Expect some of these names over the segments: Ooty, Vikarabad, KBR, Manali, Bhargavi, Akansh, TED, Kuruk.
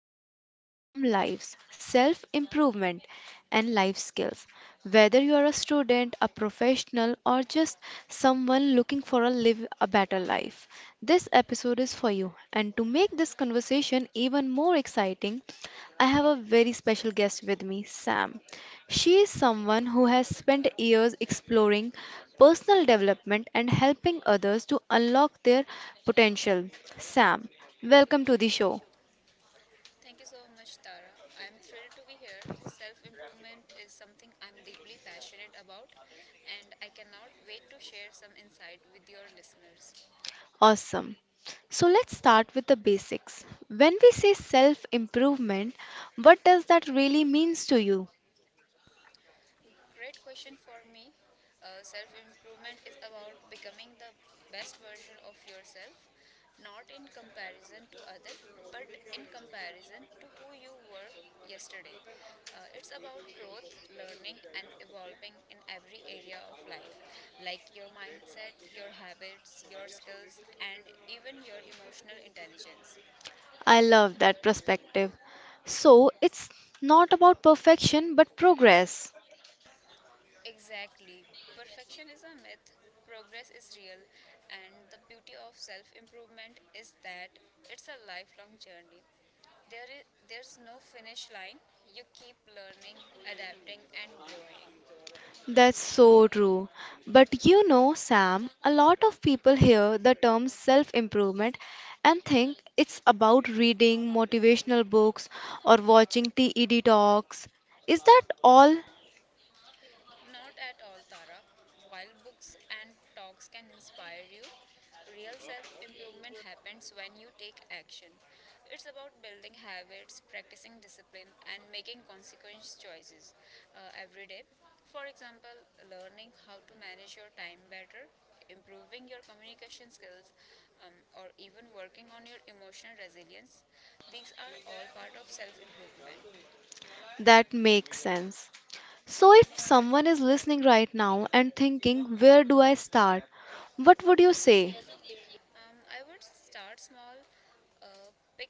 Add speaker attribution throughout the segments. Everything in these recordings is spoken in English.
Speaker 1: truly transform lives, self improvement and life skills. Whether you are a student, a professional, or just someone looking for live a better life, this episode is for you. And to make this conversation even more exciting, I have a very special guest with me, Sam. She is someone who has spent years exploring personal development and helping others to unlock their potential. Sam, welcome to the show.
Speaker 2: Thank you so much, Tara. I'm thrilled to be here. Self improvement is something I'm deeply passionate about, and I cannot wait to share some insight with your listeners.
Speaker 1: Awesome. So let's start with the basics. When we say self improvement, what does that really means to you?
Speaker 2: Great question for me. Self improvement is about becoming the best version of yourself, not in comparison to other, but in comparison to who you were yesterday. It's about growth, learning, and evolving in every area of life, like your mindset, your habits, your skills, and even your emotional intelligence.
Speaker 1: I love that perspective. So it's not about perfection but progress.
Speaker 2: Exactly. Perfection is a myth, progress is real, and the beauty of self improvement is that it's a lifelong journey. There's no finish line, you keep learning, adapting, and growing.
Speaker 1: That's so true. But you know, Sam, a lot of people hear the term self improvement and think it's about reading motivational books or watching TED talks. Is that all
Speaker 2: Not at all, Tara. While books and talks can inspire you, real self improvement happens when you take action. It's about building habits, practicing discipline, and making consequence choices every day. For example, learning how to manage your time better, improving your communication skills, or even working on your emotional resilience. These are all part of self improvement.
Speaker 1: that makes sense? So, if someone is listening right now and thinking, where do I start? What
Speaker 2: What
Speaker 1: would you
Speaker 2: would you say
Speaker 1: say?
Speaker 2: I would start small. Pick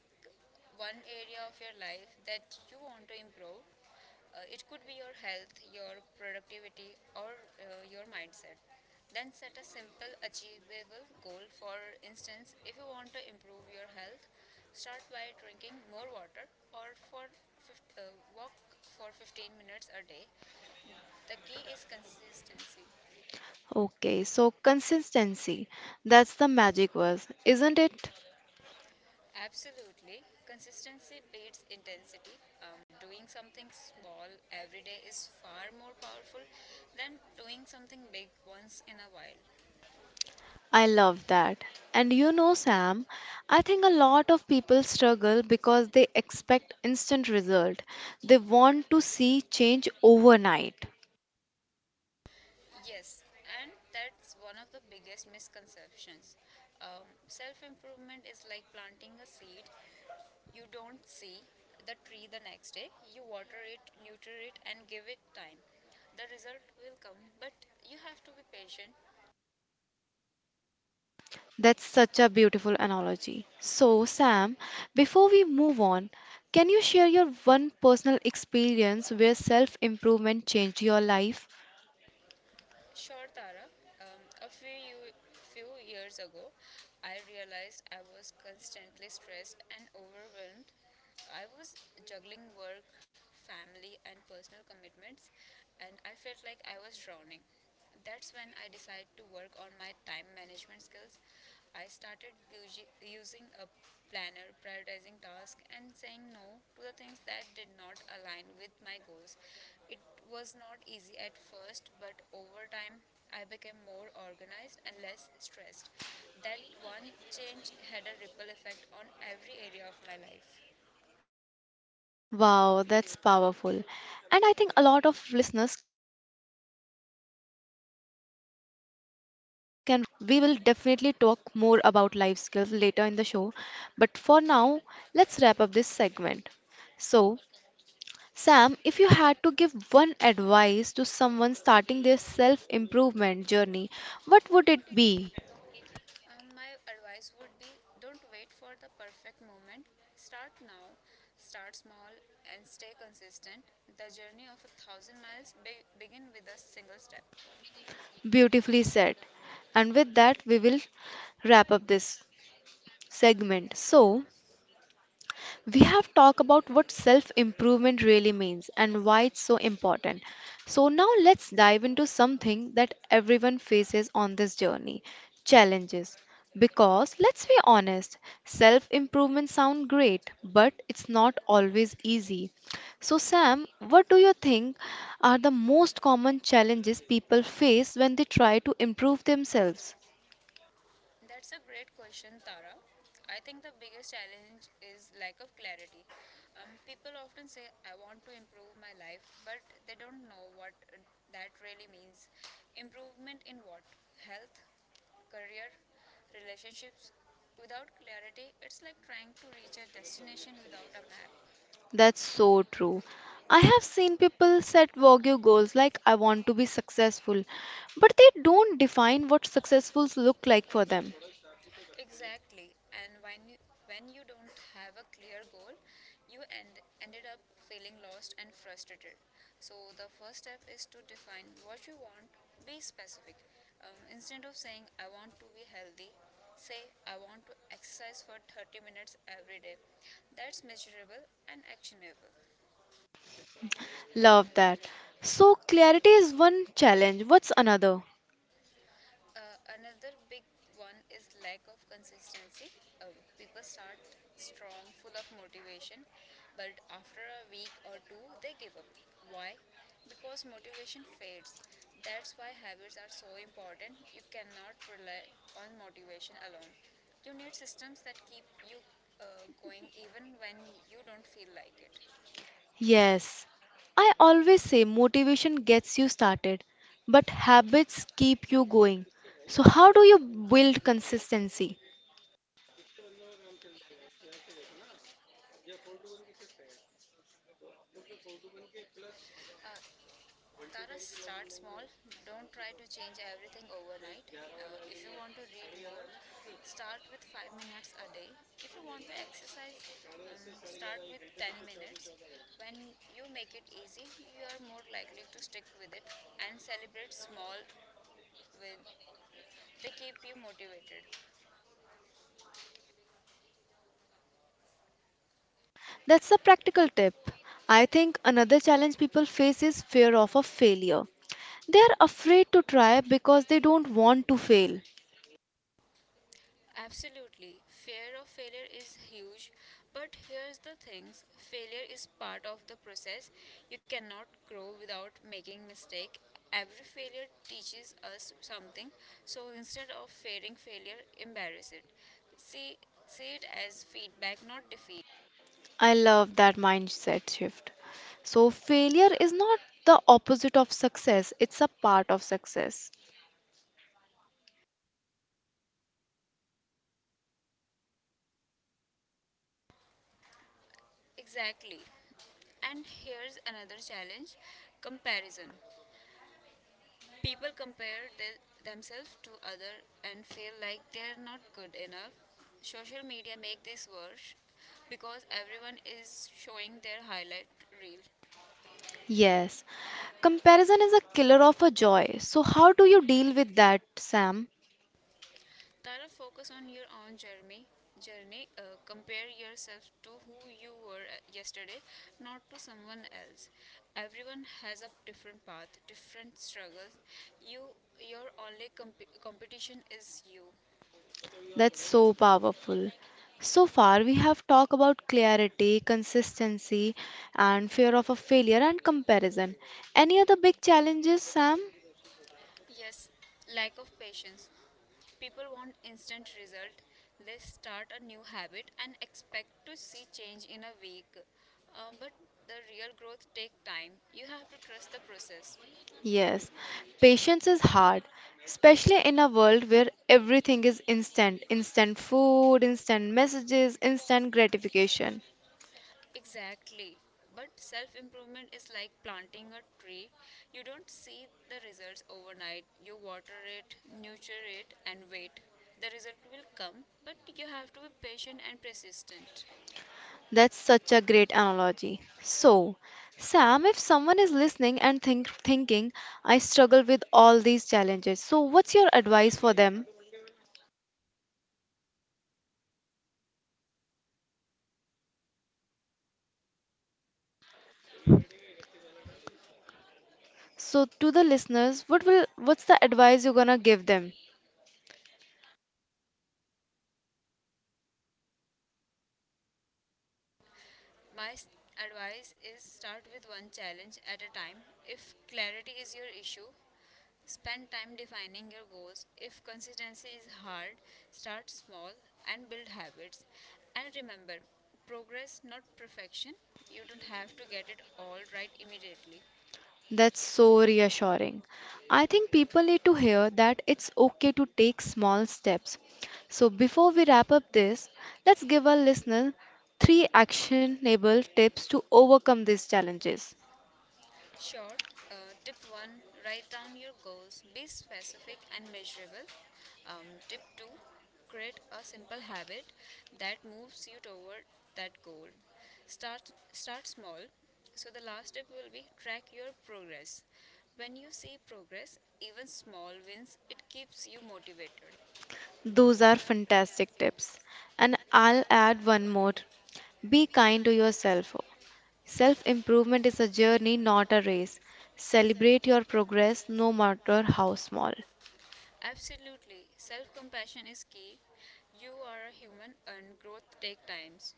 Speaker 2: one area of your life that you want to improve. It could be your health, your productivity, or your mindset. Then set a simple, achievable goal. For instance, if you want to improve your health, start by drinking more water or walk for 15 minutes a day. The key is consistency.
Speaker 1: Okay, so consistency, that's the magic word, isn't it?
Speaker 2: Absolutely. Consistency beats intensity. Doing something small every day is far more powerful than doing something big once in a while.
Speaker 1: I love that. And you know, Sam, I think a lot of people struggle because they expect instant result. They want to see change overnight.
Speaker 2: Yes, and that's one of the biggest misconceptions. Self improvement is like planting a seed. You don't see the tree the next day, you water it, nurture it, and give it time. The result will come, but you have to be patient.
Speaker 1: That's such a beautiful analogy. So, Sam, before we move on, can you share your one personal experience where self-improvement changed your life?
Speaker 2: Sure, Tara. A few years ago, I realized I was constantly stressed and overwhelmed. I was juggling work, family, and personal commitments, and I felt like I was drowning. That's when I decided to work on my time management skills. I using a planner, prioritizing tasks, and saying no to the things that did not align with my goals. It was not easy at first, but over time, I became more organized and less stressed. That one change had a ripple effect on every area of my life.
Speaker 1: Wow, that's powerful. And I think a lot of listeners can relate to that. Time management is such a crucial skill. We will definitely talk more about life skills later in the show, but for now, let's wrap up this segment. So, Sam, if you had to give one advice to someone starting their self improvement journey, what
Speaker 2: What
Speaker 1: would
Speaker 2: would
Speaker 1: it
Speaker 2: it
Speaker 1: be?
Speaker 2: be? My advice would be, don't wait for the perfect moment. Start now, start small, and stay consistent. The journey of a thousand miles begin with a single step.
Speaker 1: Beautifully said. And with that, we will wrap up this segment. So, we have talked about what self improvement really means and why it's so important. So, now let's dive into something that everyone faces on this journey, challenges. Because let's be honest, self improvement sounds great, but it's not always easy. So, Sam, what do you think are the most common challenges people face when they try to improve themselves?
Speaker 2: Themselves. That's a great question, Tara. I think the biggest challenge is lack of clarity. People often say, I want to improve my life, but they don't know what that really means. Improvement in what? Health, career, relationships? Without clarity, it's like trying to reach a destination without a map.
Speaker 1: That's so true. I have seen people set vague goals like I want to be successful, but they don't define what successfuls
Speaker 2: Successfuls
Speaker 1: look
Speaker 2: look
Speaker 1: like
Speaker 2: like
Speaker 1: for
Speaker 2: for
Speaker 1: them.
Speaker 2: them? Exactly. And when you don't have a clear goal, you ended up feeling lost and frustrated. So the first step is to define what you want, be specific. Instead of saying I want to be healthy, say I want to exercise for 30 minutes every day. That's measurable and actionable.
Speaker 1: Love that. So clarity is one challenge. What's another?
Speaker 2: Another big one is lack of consistency. People start strong, full of motivation, but after a week or two, they give up. Why? Because motivation fades. That's why habits are so important. You cannot rely on motivation alone. You need systems that keep you going even when you don't feel like it.
Speaker 1: Yes. I always say motivation gets you started, but habits keep you going. So how do you build consistency?
Speaker 2: Tara, start small. Don't try to change everything overnight. If you want to read more, start with 5 minutes a day. If you want to exercise, start with 10 minutes. When you make it easy, you are more likely to stick with it and celebrate small wins. They keep you motivated.
Speaker 1: That's a practical tip. I think another challenge people face is fear of a failure. They are afraid to try because they don't want to fail.
Speaker 2: Absolutely. Fear of failure is huge, but here's the things, failure is part of the process. You cannot grow without making mistake. Every failure teaches us something, so instead of fearing failure, embrace it. See see it as feedback, not defeat.
Speaker 1: I love that mindset shift. So, failure is not the opposite of success, it's a part of success.
Speaker 2: Exactly. And here's another challenge, comparison. People compare themselves to other and feel like they're not good enough. Social media make this worse because everyone is showing their highlight reel.
Speaker 1: Yes, comparison is a killer of a joy. So, how do you deal with that, Sam?
Speaker 2: Tara, focus on your own journey. Compare yourself to who you were yesterday, not to someone else. Everyone has a different path, different struggles. You, your only competition is you.
Speaker 1: That's so powerful. So far, we have talked about clarity, consistency, and fear of a failure and comparison. Any other big challenges, Sam?
Speaker 2: Yes, lack of patience. People want instant result. They start a new habit and expect to see change in a week. But the real growth take time. You have to trust the process.
Speaker 1: Yes, patience is hard, especially in a world where everything is instant, instant food, instant messages, instant gratification.
Speaker 2: Exactly. But self improvement is like planting a tree. You don't see the results overnight. You water it, nurture it, and wait. The result will come, but you have to be patient and persistent.
Speaker 1: That's such a great analogy. So, Sam, if someone is listening and thinking, I struggle with all these challenges, so what's your advice for them? So to the listeners, what will what's the advice you're gonna give them?
Speaker 2: My advice is start with one challenge at a time. If clarity is your issue, spend time defining your goals. If consistency is hard, start small and build habits. And remember, progress not perfection. You don't have to get it all right immediately.
Speaker 1: That's so reassuring. I think people need to hear that it's okay to take small steps. So before we wrap up this, let's give our listeners three actionable tips to overcome these challenges.
Speaker 2: Sure. Tip 1, write down your goals, be specific and measurable. Tip 2, create a simple habit that moves you toward that goal. Start small. So, the last tip will be, track your progress. When you see progress, even small wins, it keeps you motivated.
Speaker 1: Those are
Speaker 2: Those are
Speaker 1: fantastic
Speaker 2: fantastic
Speaker 1: tips.
Speaker 2: tips.
Speaker 1: And
Speaker 2: And
Speaker 1: I'll
Speaker 2: I'll
Speaker 1: add
Speaker 2: add
Speaker 1: one
Speaker 2: one
Speaker 1: more.
Speaker 2: more.
Speaker 1: Be
Speaker 2: Be
Speaker 1: kind to
Speaker 2: kind to
Speaker 1: yourself.
Speaker 2: yourself.
Speaker 1: Self
Speaker 2: Self
Speaker 1: improvement
Speaker 2: improvement
Speaker 1: is a
Speaker 2: is a
Speaker 1: journey,
Speaker 2: journey,
Speaker 1: not a
Speaker 2: not a
Speaker 1: race.
Speaker 2: race.
Speaker 1: Celebrate
Speaker 2: Celebrate
Speaker 1: your
Speaker 2: your
Speaker 1: progress
Speaker 2: progress
Speaker 1: no
Speaker 2: no
Speaker 1: matter
Speaker 2: matter
Speaker 1: how
Speaker 2: how
Speaker 1: small.
Speaker 2: small. Absolutely. Self compassion is key. You are a human and growth takes times.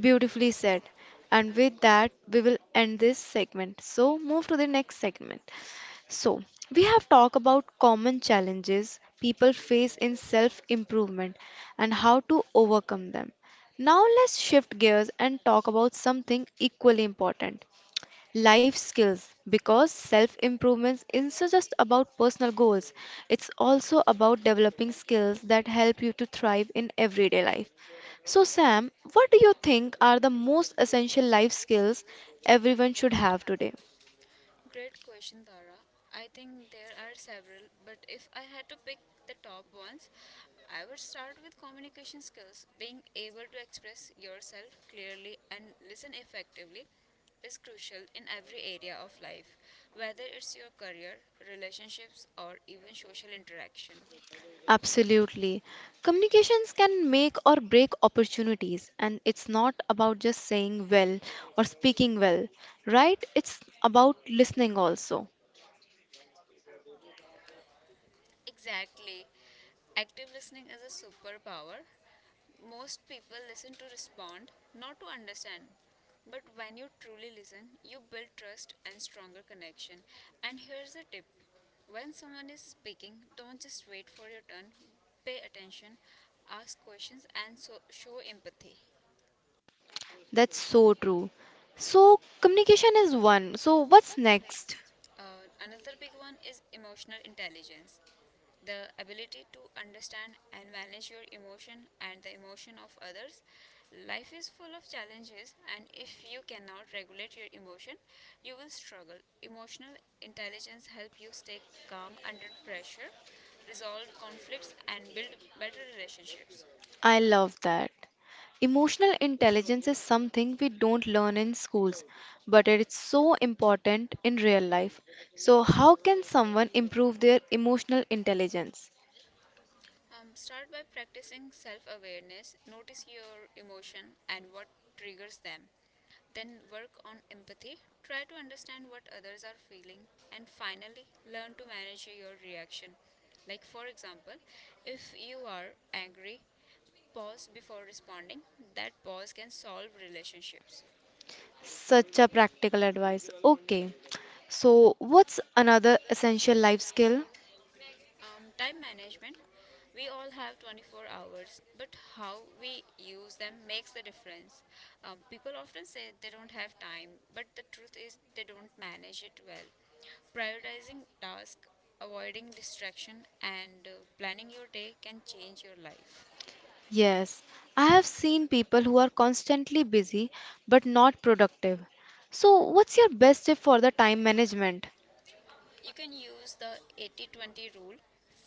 Speaker 1: Beautifully
Speaker 2: Beautifully
Speaker 1: said.
Speaker 2: said.
Speaker 1: And with that, we will end this segment. So, move to the next segment. So, we have talked about common challenges people face in self improvement and how to overcome them. Now, let's shift gears and talk about something equally important, life skills, because self improvements isn't so just about personal goals, it's also about developing skills that help you to thrive in everyday life. So Sam, what do you think are the most essential
Speaker 2: Essential
Speaker 1: life
Speaker 2: life
Speaker 1: skills
Speaker 2: skills
Speaker 1: everyone
Speaker 2: everyone
Speaker 1: should
Speaker 2: should
Speaker 1: have
Speaker 2: have
Speaker 1: today?
Speaker 2: today. Great question, Dara. I think there are several, but if I had to pick the top ones, I would start with communication skills. Being able to express yourself clearly and listen effectively is crucial in every area of life, whether it's your career, relationships, or even social interaction.
Speaker 1: Absolutely. Communications can make or break opportunities, and it's not about just saying well or speaking well, right? It's about listening also.
Speaker 2: Exactly. Active listening is a superpower. Most people listen to respond, not to understand. But when you truly listen, you build trust and stronger connection. And here's a tip, when someone is speaking, don't just wait for your turn, pay attention, ask questions, and show empathy.
Speaker 1: That's so true. So, communication is one. So,
Speaker 2: So,
Speaker 1: what's
Speaker 2: what's
Speaker 1: next?
Speaker 2: next? Another big one is emotional intelligence, the ability to understand and manage your emotion and the emotion of others. Life is full of challenges and if you cannot regulate your emotion you will struggle. Emotional intelligence help you stay calm under pressure, resolve conflicts and build better relationships.
Speaker 1: I
Speaker 2: I
Speaker 1: love that. Emotional intelligence is something we don't learn in schools, but it's so important in real life. So, how can someone improve their emotional intelligence?
Speaker 2: Start by practicing self awareness. Notice your emotion and what triggers them. Then work on empathy. Try to understand what others are feeling. And finally, learn to manage your reaction. Like, for example, if you are angry, pause before responding. That pause can solve relationships.
Speaker 1: Such a practical advice. Okay. So, what's another
Speaker 2: Other
Speaker 1: essential
Speaker 2: essential
Speaker 1: life
Speaker 2: life
Speaker 1: skill?
Speaker 2: skill Time management. We all have 24 hours, but how we use them makes the difference. People often say they don't have time, but the truth is they don't manage it well. Prioritizing tasks, avoiding distraction, and planning your day can change your life.
Speaker 1: Yes, I have seen people who are constantly busy but not productive. So, what's your best tip for the time management?
Speaker 2: You can use the 80 20 rule.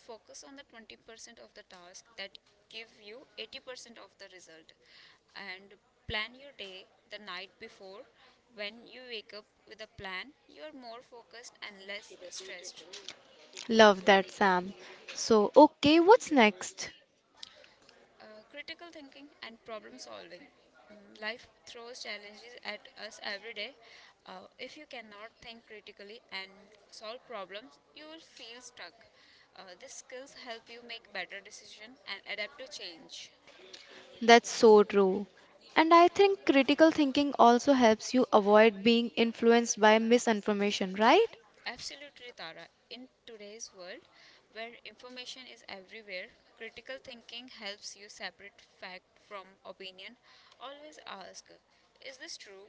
Speaker 2: Focus on the 20% of the task that give you 80% of the result and plan your day the night before. When you wake up with a plan, you are more focused and less stressed.
Speaker 1: Love that, Sam. So, okay, what's next?
Speaker 2: Uh, Critical thinking and problem solving. Life throws challenges at us every day. If you cannot think critically and solve problems, you will feel stuck. These skills help you make better decisions and adapt to change.
Speaker 1: That's
Speaker 2: That's
Speaker 1: so
Speaker 2: so
Speaker 1: true.
Speaker 2: true.
Speaker 1: And
Speaker 2: And
Speaker 1: I
Speaker 2: I
Speaker 1: think
Speaker 2: think
Speaker 1: critical
Speaker 2: critical
Speaker 1: thinking
Speaker 2: thinking
Speaker 1: also
Speaker 2: also
Speaker 1: helps you
Speaker 2: helps you
Speaker 1: avoid
Speaker 2: avoid
Speaker 1: being
Speaker 2: being
Speaker 1: influenced
Speaker 2: influenced
Speaker 1: by
Speaker 2: by
Speaker 1: misinformation,
Speaker 2: misinformation,
Speaker 1: right?
Speaker 2: right? Absolutely, Tara. In today's world, where information is everywhere, critical thinking helps you separate fact from opinion. Always ask, is this true?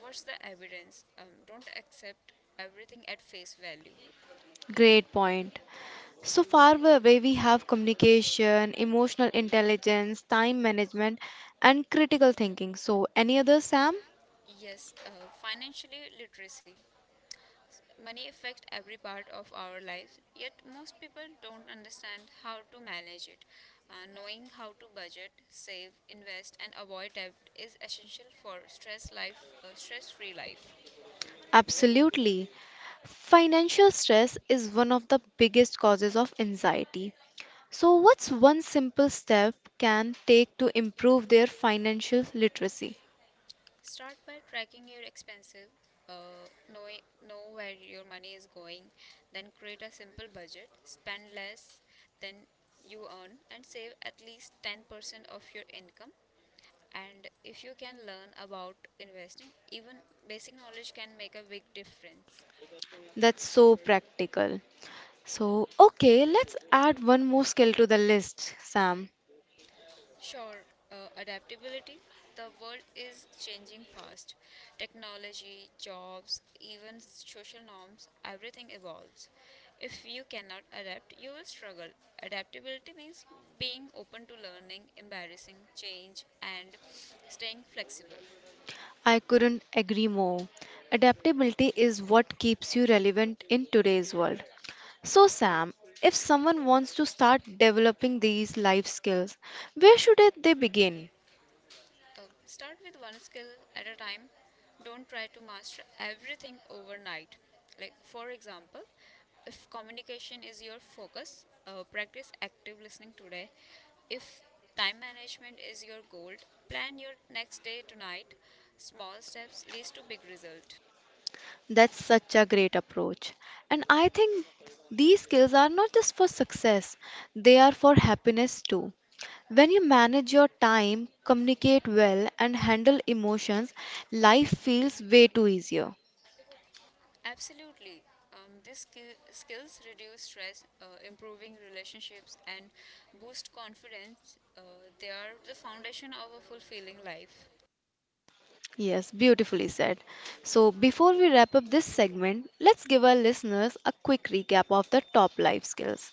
Speaker 2: What's the evidence? Don't accept everything at face value.
Speaker 1: Great point. So far, where we have communication, emotional intelligence, time management, and critical thinking. So, any other, Sam?
Speaker 2: Yes, financially literacy. Money affects every part of our lives, yet most people don't understand how to manage it. Knowing how to budget, save, invest, and avoid debt is essential for stress-free life.
Speaker 1: Absolutely. Financial stress is one of the biggest causes of anxiety. So, what's one simple step can take to improve
Speaker 2: Improve
Speaker 1: their
Speaker 2: their
Speaker 1: financial
Speaker 2: financial
Speaker 1: literacy?
Speaker 2: literacy. Start by tracking your expenses, know where your money is going, then create a simple budget, spend less than you earn, and save at least 10% of your income. And if you can learn about investing, even basic knowledge can make a big difference.
Speaker 1: That's so practical. So, okay, let's add one more skill to the list, Sam.
Speaker 2: Sure, adaptability. The world is changing fast. Technology, jobs, even social norms, everything evolves. If you cannot adapt, you will struggle. Adaptability means being open to learning, embarrassing change, and staying flexible.
Speaker 1: I couldn't agree more. Adaptability is what keeps you relevant in today's world. So, Sam, if someone wants to start developing these life skills, where should they begin?
Speaker 2: Start with one skill at a time. Don't try to master everything overnight. Like, for example, if communication is your focus, practice active listening today. If time management is your goal, plan your next day tonight. Small steps leads to big result.
Speaker 1: That's such a great approach. And I think these skills are not just for success, they are for happiness too. When you manage your time, communicate well, and handle emotions, life feels way too easier.
Speaker 2: Absolutely. These skills reduce stress, improving relationships, and boost confidence. They are the foundation of a fulfilling life.
Speaker 1: Yes, beautifully said. So, before we wrap up this segment, let's give our listeners a quick recap of the top life skills: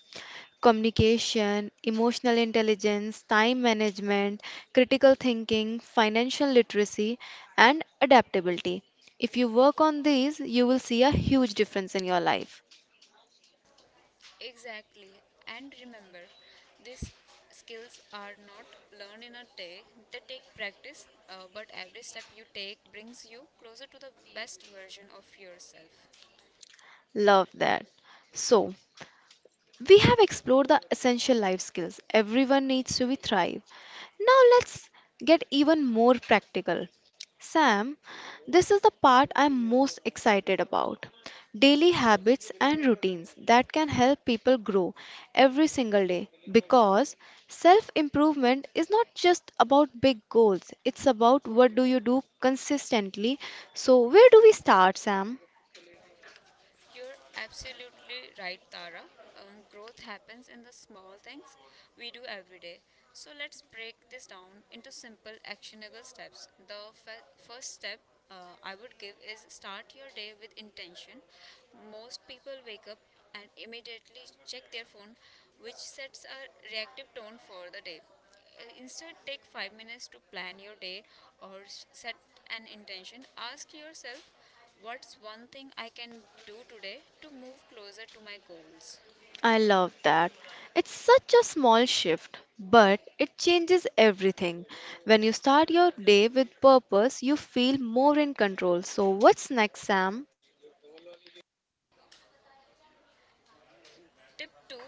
Speaker 1: communication, emotional intelligence, time management, critical thinking, financial literacy, and adaptability. If you work on these, you will see a huge difference in your life.
Speaker 2: Exactly. And remember, these skills are not learned in a day, they take practice, but every step you take brings you closer to the best version of yourself.
Speaker 1: Love that. So, we have explored the essential life skills everyone needs to be thrive. Now let's get even more practical. Sam, this is the part I'm most excited about. Daily habits and routines that can help people grow every single day, because self improvement is not just about big goals, it's about what do you do consistently. So, where do we start, Sam?
Speaker 2: You're absolutely right, Tara. Growth happens in the small things we do every day. So let's break this down into simple, actionable steps. The first step I would give is start your day with intention. Most people wake up and immediately check their phone, which sets a reactive tone for the day. Instead, take 5 minutes to plan your day or set an intention. Ask yourself, what's one thing I can do today to move closer to my goals?
Speaker 1: I love that. It's such a small shift, but it changes everything. When you start your day with purpose, you feel more in control. So, what's next, Sam?
Speaker 2: Tip 2,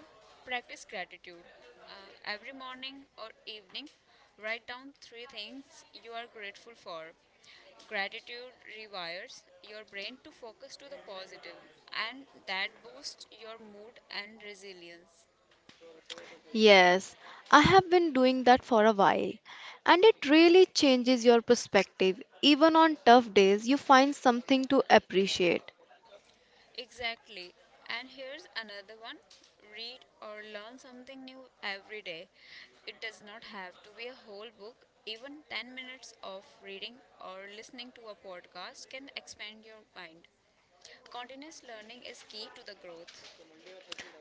Speaker 2: practice gratitude. Every morning or evening, write down three things you are grateful for. Gratitude rewires your brain to focus to the positive, and that boosts your mood and resilience.
Speaker 1: Yes, I have been doing that for a while, and it really changes your perspective. Even on tough days, you find something to appreciate.
Speaker 2: Exactly. And here's another one, read or learn something new every day. It does not have to be a whole book. Even 10 minutes of reading or listening to a podcast can expand your mind. Continuous learning is key to the growth.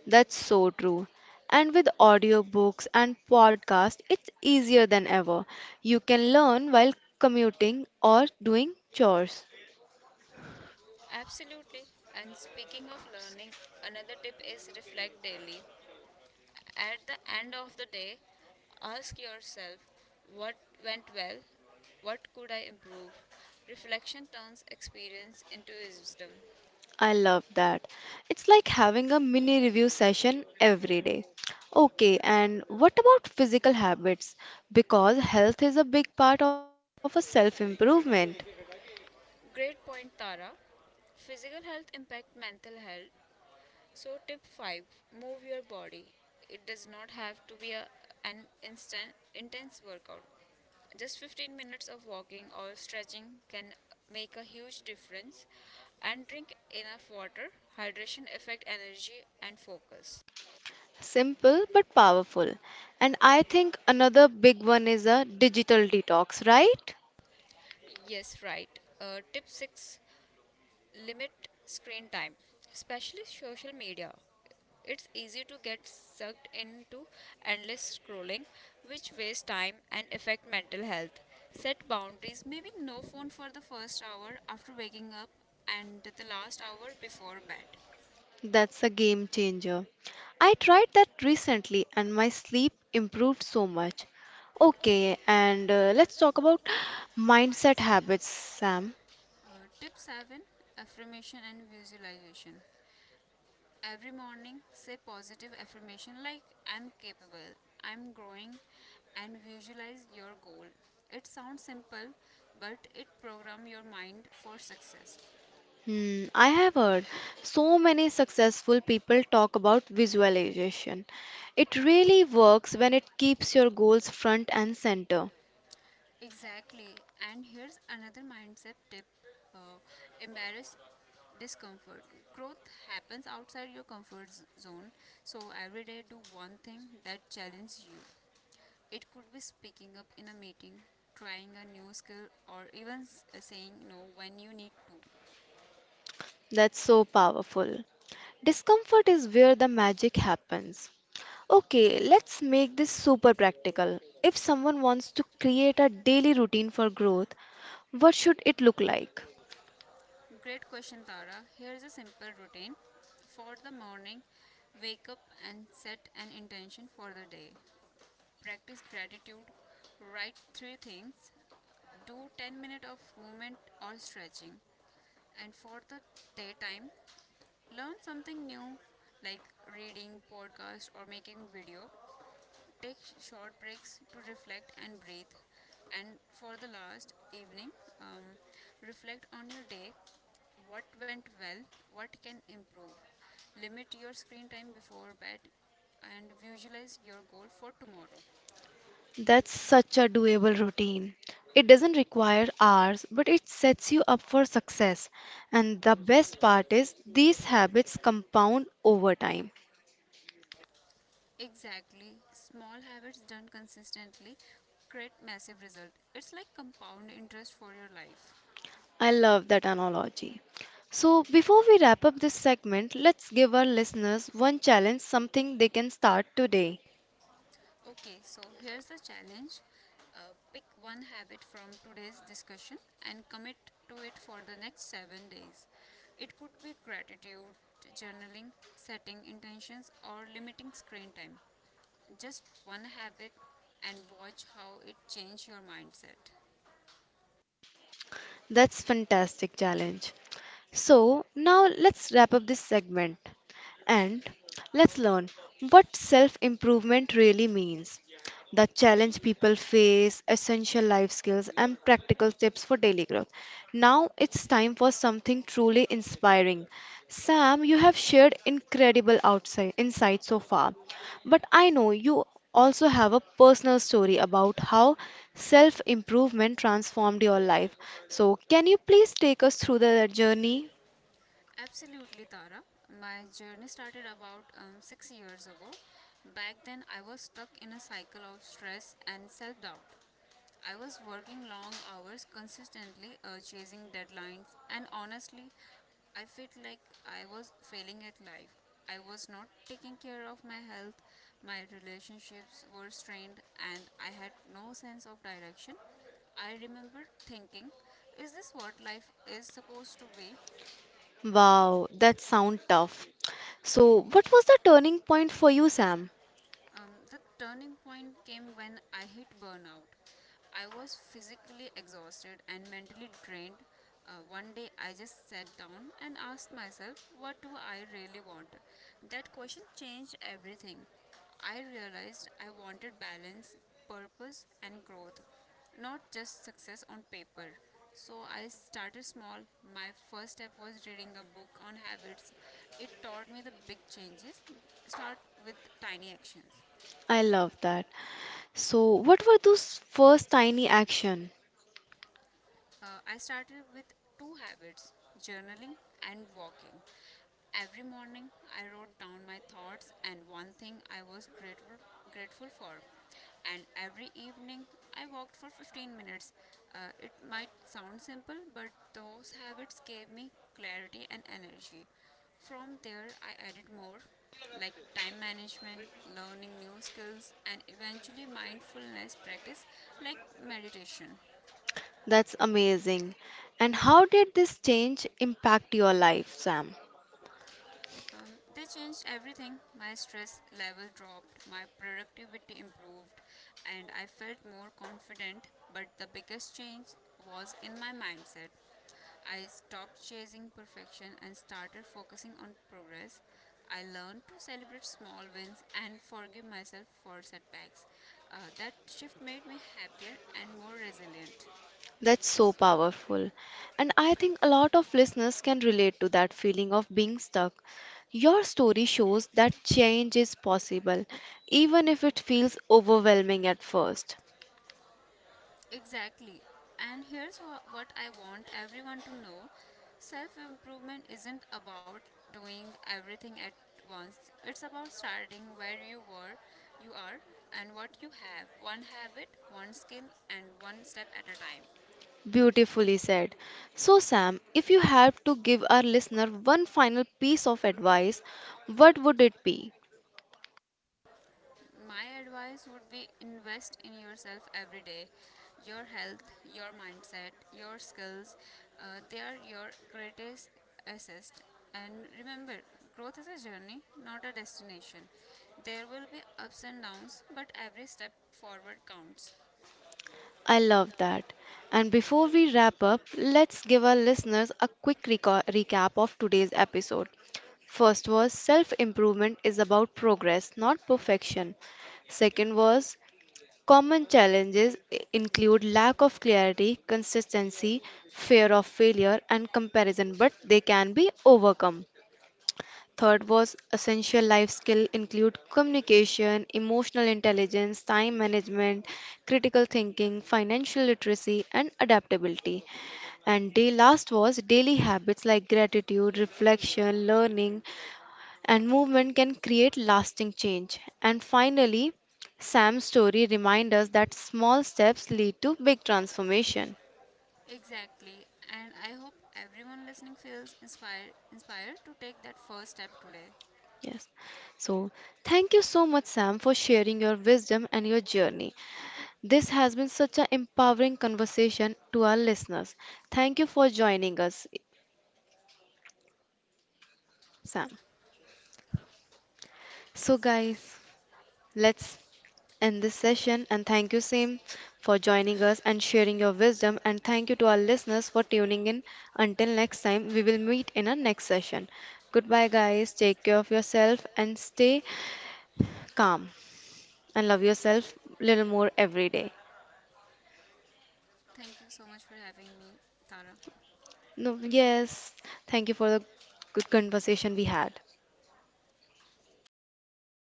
Speaker 1: That's so true. And with audiobooks and podcasts, it's easier than ever. You can learn while commuting or doing chores.
Speaker 2: Absolutely. And speaking of learning, another tip is reflect daily. At the end of the day, ask yourself, what went well, what could I improve? Reflection turns experience into wisdom.
Speaker 1: I love that. It's like having a mini review session every day. Okay, and what about physical habits? Because health is a big part of a self improvement.
Speaker 2: Great point, Tara. Physical health impact mental health, so tip 5, move your body. It does not have to be an instant, intense workout. Just 15 minutes of walking or stretching can make a huge difference. And drink enough water. Hydration affect energy and focus.
Speaker 1: Simple but powerful. And I think another big one is a digital detox, right?
Speaker 2: Yes, right. Tip 6, limit screen time, especially social media. It's easy to get sucked into endless scrolling, which wastes time and affect mental health. Set boundaries, maybe no phone for the first hour after waking up and the last hour before bed.
Speaker 1: That's a game changer. I tried that recently and my sleep improved so much. Okay,
Speaker 2: Okay,
Speaker 1: and
Speaker 2: and
Speaker 1: let's
Speaker 2: let's
Speaker 1: talk
Speaker 2: talk
Speaker 1: about
Speaker 2: about
Speaker 1: mindset
Speaker 2: mindset
Speaker 1: habits,
Speaker 2: habits,
Speaker 1: Sam.
Speaker 2: Sam. Tip 7, affirmation and visualization. Every morning say positive affirmation like, I'm capable, I'm growing, and visualize your goal. It sounds simple, but it program your mind for success.
Speaker 1: Hmm, I have heard so many successful people talk about visualization. It really works when it keeps your goals front and center.
Speaker 2: Exactly. And here's another mindset tip. uh, Embarrass discomfort. Growth happens outside your comfort zone. So every day do one thing that challenges you. It could be speaking up in a meeting, trying a new skill, or even saying no when you need to.
Speaker 1: That's so powerful. Discomfort is where the magic happens. Okay, let's make this super practical. If someone wants to create a daily routine for growth, what should it look like?
Speaker 2: Great question, Tara. Here is a simple routine for the morning. Wake up and set an intention for the day. Practice gratitude. Write three things. Do 10 minutes of movement or stretching. And for the daytime, learn something new like reading, podcast, or making video. Take short breaks to reflect and breathe. And for the last evening, um, reflect on your day, what went well, what can improve. Limit your screen time before bed and visualize your goal for tomorrow.
Speaker 1: That's such a doable routine. It doesn't require hours, but it sets you up for success. And the best part is, these habits compound over time.
Speaker 2: Exactly. Small habits done consistently create massive result. It's like compound interest for your life.
Speaker 1: I love that analogy. So, before we wrap up this segment, let's give our listeners one challenge, something they can start today.
Speaker 2: Okay, so here's the challenge. Pick one habit from today's discussion and commit to it for the next 7 days. It could be gratitude, journaling, setting intentions, or limiting screen time. Just one habit and watch how it changes your mindset.
Speaker 1: That's fantastic challenge. So, now let's wrap up this segment and let's learn what self improvement really means, the challenge people face, essential life skills, and practical tips for daily growth. Now it's time for something truly inspiring. Sam, you have shared incredible outside insights so far, but I know you also have a personal story about how self improvement transformed your life. So, can you please take us through that journey?
Speaker 2: Journey. Absolutely, Tara. My journey started about 6 years ago. Back then, I was stuck in a cycle of stress and self doubt. I was working long hours consistently, chasing deadlines, and honestly, I felt like I was failing at life. I was not taking care of my health, my relationships were strained, and I had no sense of direction. I remember thinking, is this what life is supposed to be?
Speaker 1: Wow, that sounds tough. So, what was the turning point for
Speaker 2: For
Speaker 1: you,
Speaker 2: you, sir.
Speaker 1: Sam?
Speaker 2: The turning point came when I hit burnout. I was physically exhausted and mentally drained. 1 day I just sat down and asked myself, what do I really want? That question changed everything. I realized I wanted balance, purpose, and growth, not just success on paper. So I started small. My first step was reading a book on habits. It taught me the big changes. Start with tiny actions.
Speaker 1: I
Speaker 2: I
Speaker 1: love
Speaker 2: love
Speaker 1: that.
Speaker 2: that.
Speaker 1: So, what were those first tiny action?
Speaker 2: I started with two habits, journaling and walking. Every morning, I wrote down my thoughts and one thing I was grateful for. And every evening, I walked for 15 minutes. It might sound simple, but those habits gave me clarity and energy. From there, I added more like time management, learning new skills, and eventually mindfulness practice like meditation.
Speaker 1: That's amazing. And how did this change impact your life, Sam?
Speaker 2: They changed everything. My stress level dropped, my productivity improved, and I felt more confident. But the biggest change was in my mindset. I stopped chasing perfection and started focusing on progress. I learned to celebrate small wins and forgive myself for setbacks. That shift made me happier and more resilient.
Speaker 1: That's so
Speaker 2: That's so powerful.
Speaker 1: powerful. And
Speaker 2: And
Speaker 1: I
Speaker 2: I
Speaker 1: think a
Speaker 2: think
Speaker 1: lot of listeners can relate to that feeling of being stuck. Your story shows that change is possible, even if it feels overwhelming at first.
Speaker 2: exactly. And here's what I want everyone to know. Self improvement isn't about doing everything at once, it's about starting where you were, you are, and what you have, one habit, one skill, and one step at a time.
Speaker 1: Beautifully said. So, Sam, if you have to give our listener one final piece of advice, what would it be?
Speaker 2: My advice would be invest in yourself every day. Your health, your mindset, your skills, they are your greatest assets. And remember, growth is a journey, not a destination. There will be ups and downs, but every step forward counts.
Speaker 1: I
Speaker 2: I
Speaker 1: love that.
Speaker 2: love that.
Speaker 1: And before we wrap up, let's give our listeners a quick recap of today's episode. First was self improvement is about progress, not perfection. Second was common challenges include lack of clarity, consistency, fear of failure, and comparison, but they can be overcome. Third was essential life skill include communication, emotional intelligence, time management, critical thinking, financial literacy and adaptability. And day last was daily habits like gratitude, reflection, learning and movement can create lasting change. And finally, Sam's story reminds us that small steps lead to big
Speaker 2: Big
Speaker 1: transformation.
Speaker 2: transformation. Exactly. And I hope everyone listening feels inspired to take that first step today.
Speaker 1: Yes. So, thank you so much Sam for sharing your wisdom and your journey. This has been such an empowering conversation to our listeners. Thank you for joining us, Sam. So,
Speaker 2: So, guys,
Speaker 1: guys, let's
Speaker 2: let's
Speaker 1: end
Speaker 2: end
Speaker 1: this
Speaker 2: this
Speaker 1: session
Speaker 2: session
Speaker 1: and
Speaker 2: and
Speaker 1: thank you,
Speaker 2: thank you,
Speaker 1: Sam,
Speaker 2: Seem,
Speaker 1: for
Speaker 2: for
Speaker 1: joining
Speaker 2: joining
Speaker 1: us
Speaker 2: us
Speaker 1: and
Speaker 2: and
Speaker 1: sharing
Speaker 2: sharing
Speaker 1: your
Speaker 2: your
Speaker 1: wisdom.
Speaker 2: wisdom.
Speaker 1: And
Speaker 2: And
Speaker 1: thank you
Speaker 2: thank
Speaker 1: to our
Speaker 2: you to our
Speaker 1: listeners for
Speaker 2: listeners for
Speaker 1: tuning
Speaker 2: tuning
Speaker 1: in.
Speaker 2: in.
Speaker 1: Until
Speaker 2: Until
Speaker 1: next
Speaker 2: next
Speaker 1: time,
Speaker 2: time,
Speaker 1: we
Speaker 2: we
Speaker 1: will
Speaker 2: will
Speaker 1: meet
Speaker 2: meet
Speaker 1: in our
Speaker 2: in our
Speaker 1: next
Speaker 2: next
Speaker 1: session.
Speaker 2: session.
Speaker 1: Goodbye,
Speaker 2: Goodbye,
Speaker 1: guys.
Speaker 2: guys.
Speaker 1: Take
Speaker 2: Take
Speaker 1: care of
Speaker 2: care of
Speaker 1: yourself
Speaker 2: yourself
Speaker 1: and
Speaker 2: and
Speaker 1: stay
Speaker 2: stay calm
Speaker 1: calm and
Speaker 2: and
Speaker 1: love
Speaker 2: love
Speaker 1: yourself
Speaker 2: yourself
Speaker 1: a
Speaker 2: a
Speaker 1: little
Speaker 2: little
Speaker 1: more
Speaker 2: more
Speaker 1: every
Speaker 2: every
Speaker 1: day.
Speaker 2: day. Thank you so much for having me, Tara.
Speaker 1: No, yes,
Speaker 2: Yes,
Speaker 1: thank you
Speaker 2: thank
Speaker 1: for
Speaker 2: you
Speaker 1: the
Speaker 2: for
Speaker 1: good
Speaker 2: the good
Speaker 1: conversation we
Speaker 2: conversation we
Speaker 1: had.
Speaker 2: had.